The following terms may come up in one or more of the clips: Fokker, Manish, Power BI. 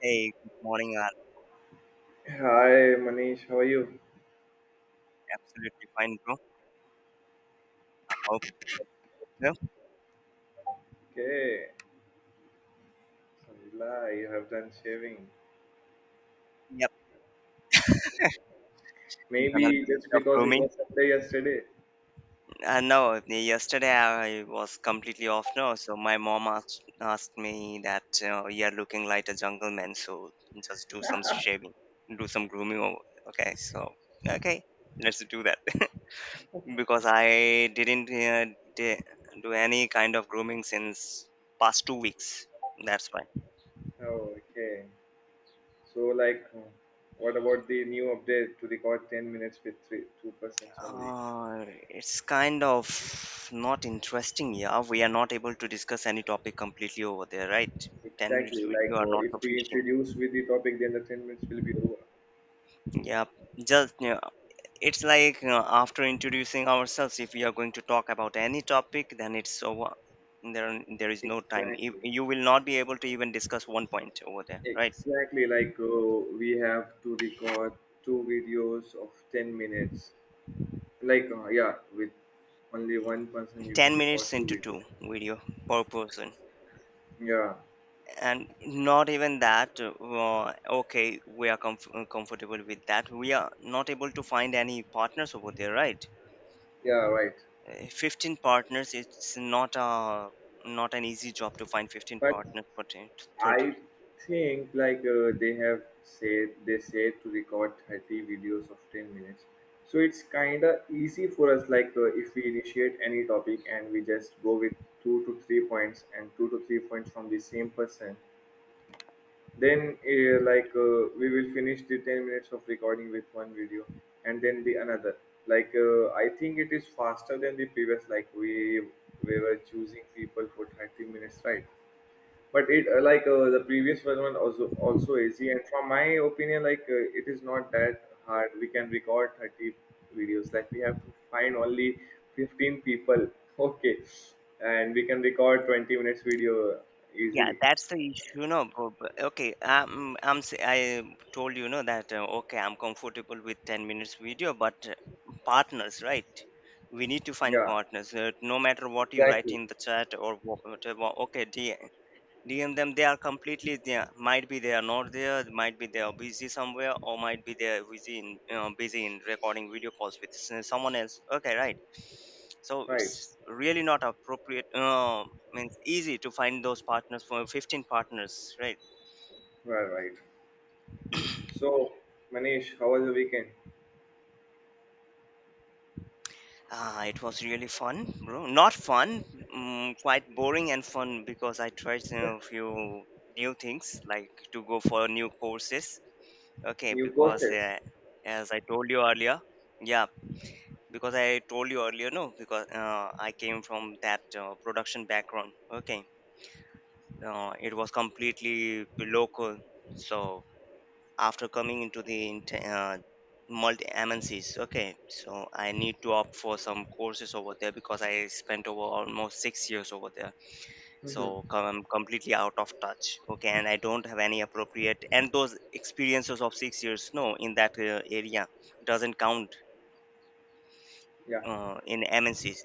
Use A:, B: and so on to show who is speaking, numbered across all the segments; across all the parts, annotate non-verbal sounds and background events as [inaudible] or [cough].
A: Hey, good morning. I'm
B: Hi Manish, how are you?
A: absolutely fine, bro. Hope so.
B: Okay, Alhamdulillah, you have done shaving.
A: Yep, done a little
B: Maybe just
A: bit of
B: because it
A: grooming.
B: was Sunday yesterday.
A: No, yesterday I was completely off. No, so my mom asked me that you're looking like a jungleman, so just do some shaving, do some grooming. Over Okay, so okay, let's do that, [laughs] because I didn't di- do any kind of grooming since past 2 weeks. That's why.
B: Oh, okay. So, like, what about the new update to record 10 minutes with 2 persons only?
A: It's kind of not interesting. Yeah, we are not able to discuss any topic completely over there, right? Ten
B: Exactly,
A: minutes with
B: like,
A: you are
B: oh,
A: not
B: if we
A: sufficient.
B: introduce with the topic, then the 10 minutes will be over.
A: Yeah, just yeah. It's like, you, after introducing ourselves, if we are going to talk about any topic, then it's over. There is no time. You,
B: Exactly.
A: you will not be able to even discuss one point over there, right?
B: Exactly, like, oh, we have to record two videos of 10 minutes. Like, yeah, with only one person you can
A: Ten
B: record
A: minutes
B: two
A: into
B: videos.
A: two video per person.
B: Yeah,
A: And not even that, okay, we are comfortable with that. We are not able to find any partners over there, right?
B: yeah, right.
A: 15 partners, it's not a not an easy job to find 15
B: But
A: partners for 10 to
B: I
A: 30.
B: think, like, they said to record 30 videos of 10 minutes. So it's kind of easy for us, like, if we initiate any topic and we just go with two to three points and two to three points from the same person. Then, like, we will finish the 10 minutes of recording with one video and then the another. Like, I think it is faster than the previous, like, we were choosing people for 30 minutes, right? But like, the previous one was also easy. And from my opinion, like, it is not that hard. We can record 30 videos. Like, we have to find only 15 people. [laughs] Okay. And we can record 20 minutes video
A: Yeah,
B: easily.
A: that's the issue, no bro. But okay, I told you know, that okay, I'm comfortable with 10 minutes video, but partners, right? We need to find
B: Yeah,
A: partners, no matter what you write
B: exactly.
A: in the chat or whatever, okay. DM them. They are completely there. Might be they are not there. Might be they are busy somewhere, or might be they are busy in— you busy in recording video calls with someone else. Okay, right. So
B: Right,
A: it's really not appropriate. Means easy to find those partners, for 15 partners, right?
B: right, right. So, Manish, how was the weekend?
A: Ah, it was really fun, bro. Not fun, quite boring and fun because I tried a few new things, like to go for new courses. Okay,
B: New
A: because
B: courses?
A: as I told you earlier, yeah, because I told you earlier, no, because I came from that production background. Okay, it was completely local. So after coming into the multi MNCs, okay, so I need to opt for some courses over there, because I spent over almost 6 years over there.
B: Mm-hmm.
A: So I'm completely out of touch. Okay, and I don't have any appropriate, and those experiences of 6 years, no, in that area doesn't count
B: Yeah,
A: in MNCs.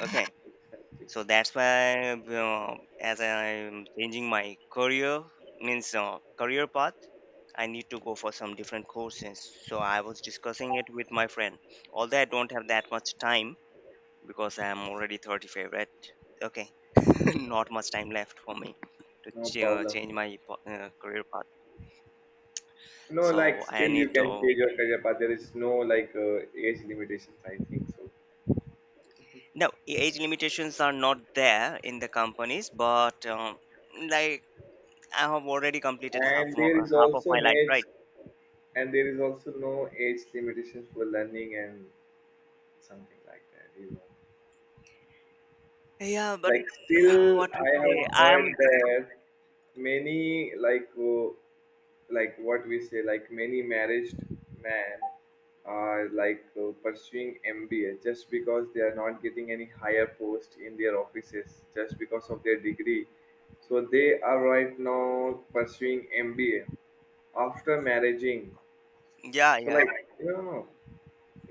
A: Okay,
B: exactly.
A: so that's why, as I'm changing my career, means, career path, I need to go for some different courses. So I was discussing it with my friend. Although I don't have that much time, because I'm already 35, right? Okay. [laughs] Not much time left for me to
B: No problem.
A: change my career path.
B: No, like,
A: So I
B: still you
A: need
B: can
A: to—
B: take your career path. There is no, like, age limitations. I think so.
A: no, age limitations are not there in the companies, but like, I have already completed
B: And there is
A: half of
B: also
A: my
B: an
A: life,
B: age,
A: right?
B: and there is also no age limitations for learning and something like that.
A: Yeah, but
B: Like,
A: [sighs]
B: still
A: what we
B: I have
A: say, I am.
B: heard that many like. Like, what we say, like, many married men are, like, pursuing MBA just because they are not getting any higher post in their offices just because of their degree. So they are right now pursuing MBA after marrying.
A: Yeah,
B: So, like,
A: yeah,
B: you know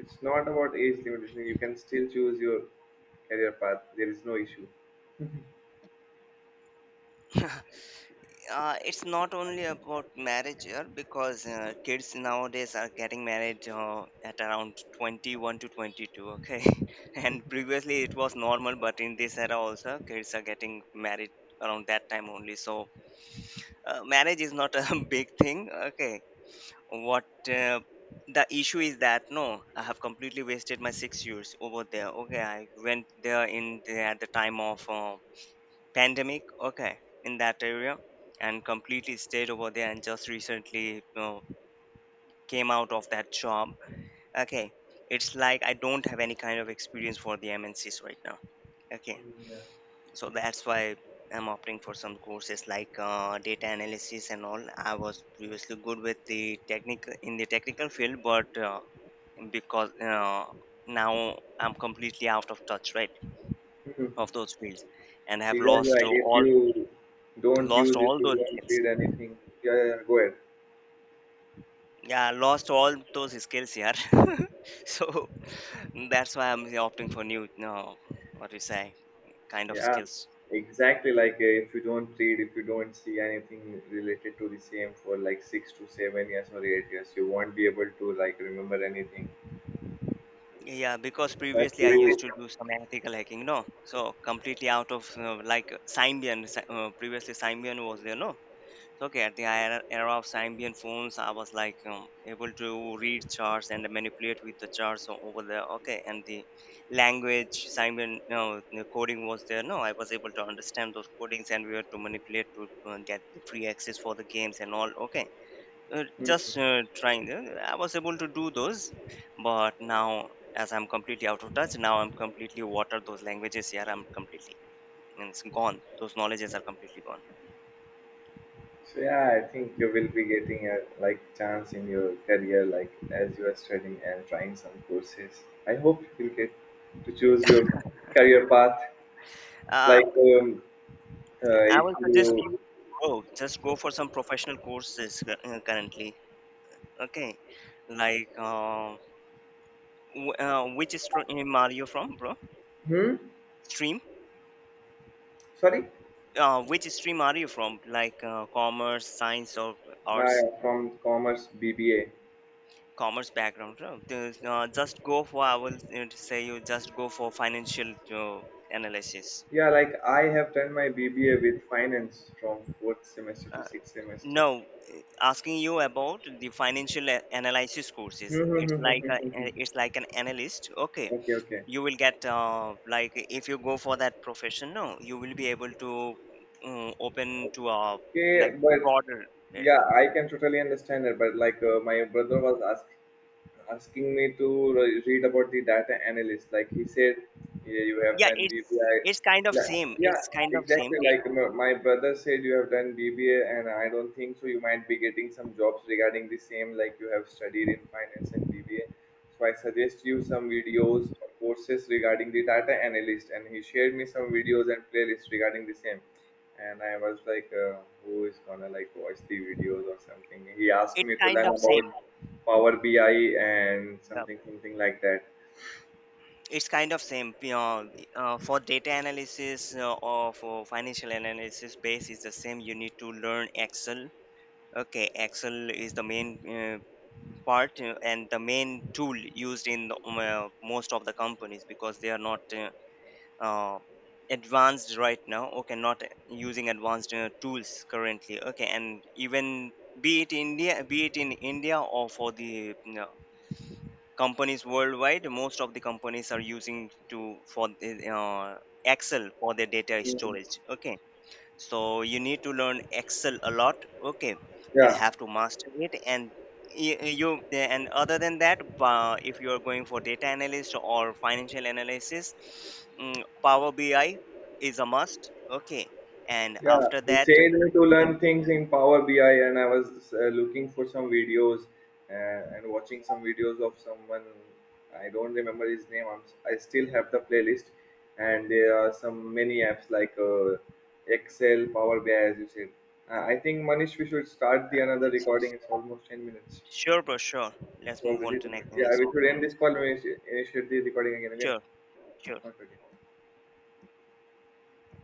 B: it's not about age limitation. You can still choose your career path. There is no issue.
A: yeah. [laughs] It's not only about marriage here, because kids nowadays are getting married at around 21 to 22, okay? [laughs] And previously it was normal, but in this era also, kids are getting married around that time only. So, marriage is not a [laughs] big thing, okay? What, uh, the issue is that, no, I have completely wasted my 6 years over there. Okay, I went there in the— at the time of pandemic, okay, in that area, and completely stayed over there, and just recently, came out of that job, okay. It's like I don't have any kind of experience for the MNCs right now, okay.
B: Yeah.
A: So that's why I'm opting for some courses, like data analysis and all. I was previously good with the technical in the technical field, but because now I'm completely out of touch, right?
B: [laughs] Mhm.
A: Of those fields, and have
B: Exactly, like, if you don't
A: lost
B: use it,
A: all
B: you
A: those
B: don't
A: skills.
B: read anything. Yeah, yeah, yeah, go ahead.
A: Yeah, lost all those skills here. [laughs] So that's why I'm opting for new, no, what do you say, kind of
B: Yeah,
A: skills.
B: exactly. Like, if you don't read, if you don't see anything related to the same for like 6 to 7 years or 8 years, you won't be able to, like, remember anything.
A: Yeah, because
B: So
A: previously I
B: true.
A: used to do some ethical hacking, no. So completely out of like Symbian. Previously Symbian was there, no. So okay, at the era of Symbian phones, I was like, able to read charts and manipulate with the charts over there. Okay, and the language Symbian, no, the coding was there. No, I was able to understand those codings, and we were to manipulate to get the free access for the games and all. Okay, just
B: Mhm.
A: trying. I was able to do those, but now, as I'm completely out of touch, now I'm completely watered those languages. Yeah, I'm completely. And it's gone. Those knowledges are completely gone.
B: So yeah, I think you will be getting a like chance in your career, like as you are studying and trying some courses. I hope you will get to choose your career path.
A: Um,
B: Like,
A: I
B: if
A: will suggest
B: you,
A: you, bro, just go for some professional courses, currently. Okay, like, which stream are you from, bro?
B: hmm,
A: Stream?
B: sorry,
A: Which stream are you from? Like, commerce, science, or
B: no, I
A: arts?
B: am from commerce BBA.
A: Commerce background, bro. Just go for— I will, say you just go for financial, analysis.
B: Yeah, like I have done my BBA with finance from fourth semester to
A: Uh,
B: sixth semester.
A: no, asking you about the financial analysis courses. It's like it's like an analyst. Okay,
B: [laughs] Okay, okay.
A: you will get, like, if you go for that profession, no, you will be able to, open to a,
B: Okay,
A: like,
B: but
A: broader
B: yeah,
A: area.
B: I can totally understand it. But, like, my brother was asking me to read about the data analyst. Like he said, yeah, you have
A: Yeah,
B: done
A: it's
B: BBI.
A: it's kind of
B: Like,
A: same,
B: yeah,
A: it's kind of
B: exactly.
A: same.
B: Like my brother said, you have done BBA, and I don't think so. You might be getting some jobs regarding the same, like you have studied in finance and BBA. So I suggest you some videos or courses regarding the data analyst, and he shared me some videos and playlists regarding the same, and I was like, who is gonna like watch the videos or something? He asked
A: It's
B: me to
A: kind
B: learn
A: of
B: about
A: same.
B: Power BI and
A: Yeah,
B: something, something like that.
A: it's kind of same, you know. For data analysis, or for financial analysis, base is the same. You need to learn Excel. Okay, Excel is the main, uh, part, and the main tool used in the, most of the companies, because they are not, uh, advanced right now. Okay, not using advanced, tools currently. Okay. And even, be it in India, or for the, you know, companies worldwide, most of the companies are using to for the, Excel for their data
B: Mhm.
A: storage, okay. So you need to learn Excel a lot, okay, and
B: Yeah,
A: have to master it. And you— and other than that, if you are going for data analyst or financial analysis, Power BI is a must, okay. And
B: yeah,
A: after
B: he
A: that,
B: said to learn
A: in—
B: things in Power BI, and I was looking for some videos and watching some videos of someone. I don't remember his name. I still have the playlist, and there are some many apps like, Excel, Power BI, as you said. I think, Manish, we should start the another recording. It's almost 10 minutes.
A: sure bro, sure,
B: It's
A: let's move on
B: already
A: to
B: 10 minutes.
A: next
B: Yeah,
A: next
B: we should
A: video, bro.
B: end this call. We should initiate the recording again. Again,
A: Sure. Sure.
B: not again.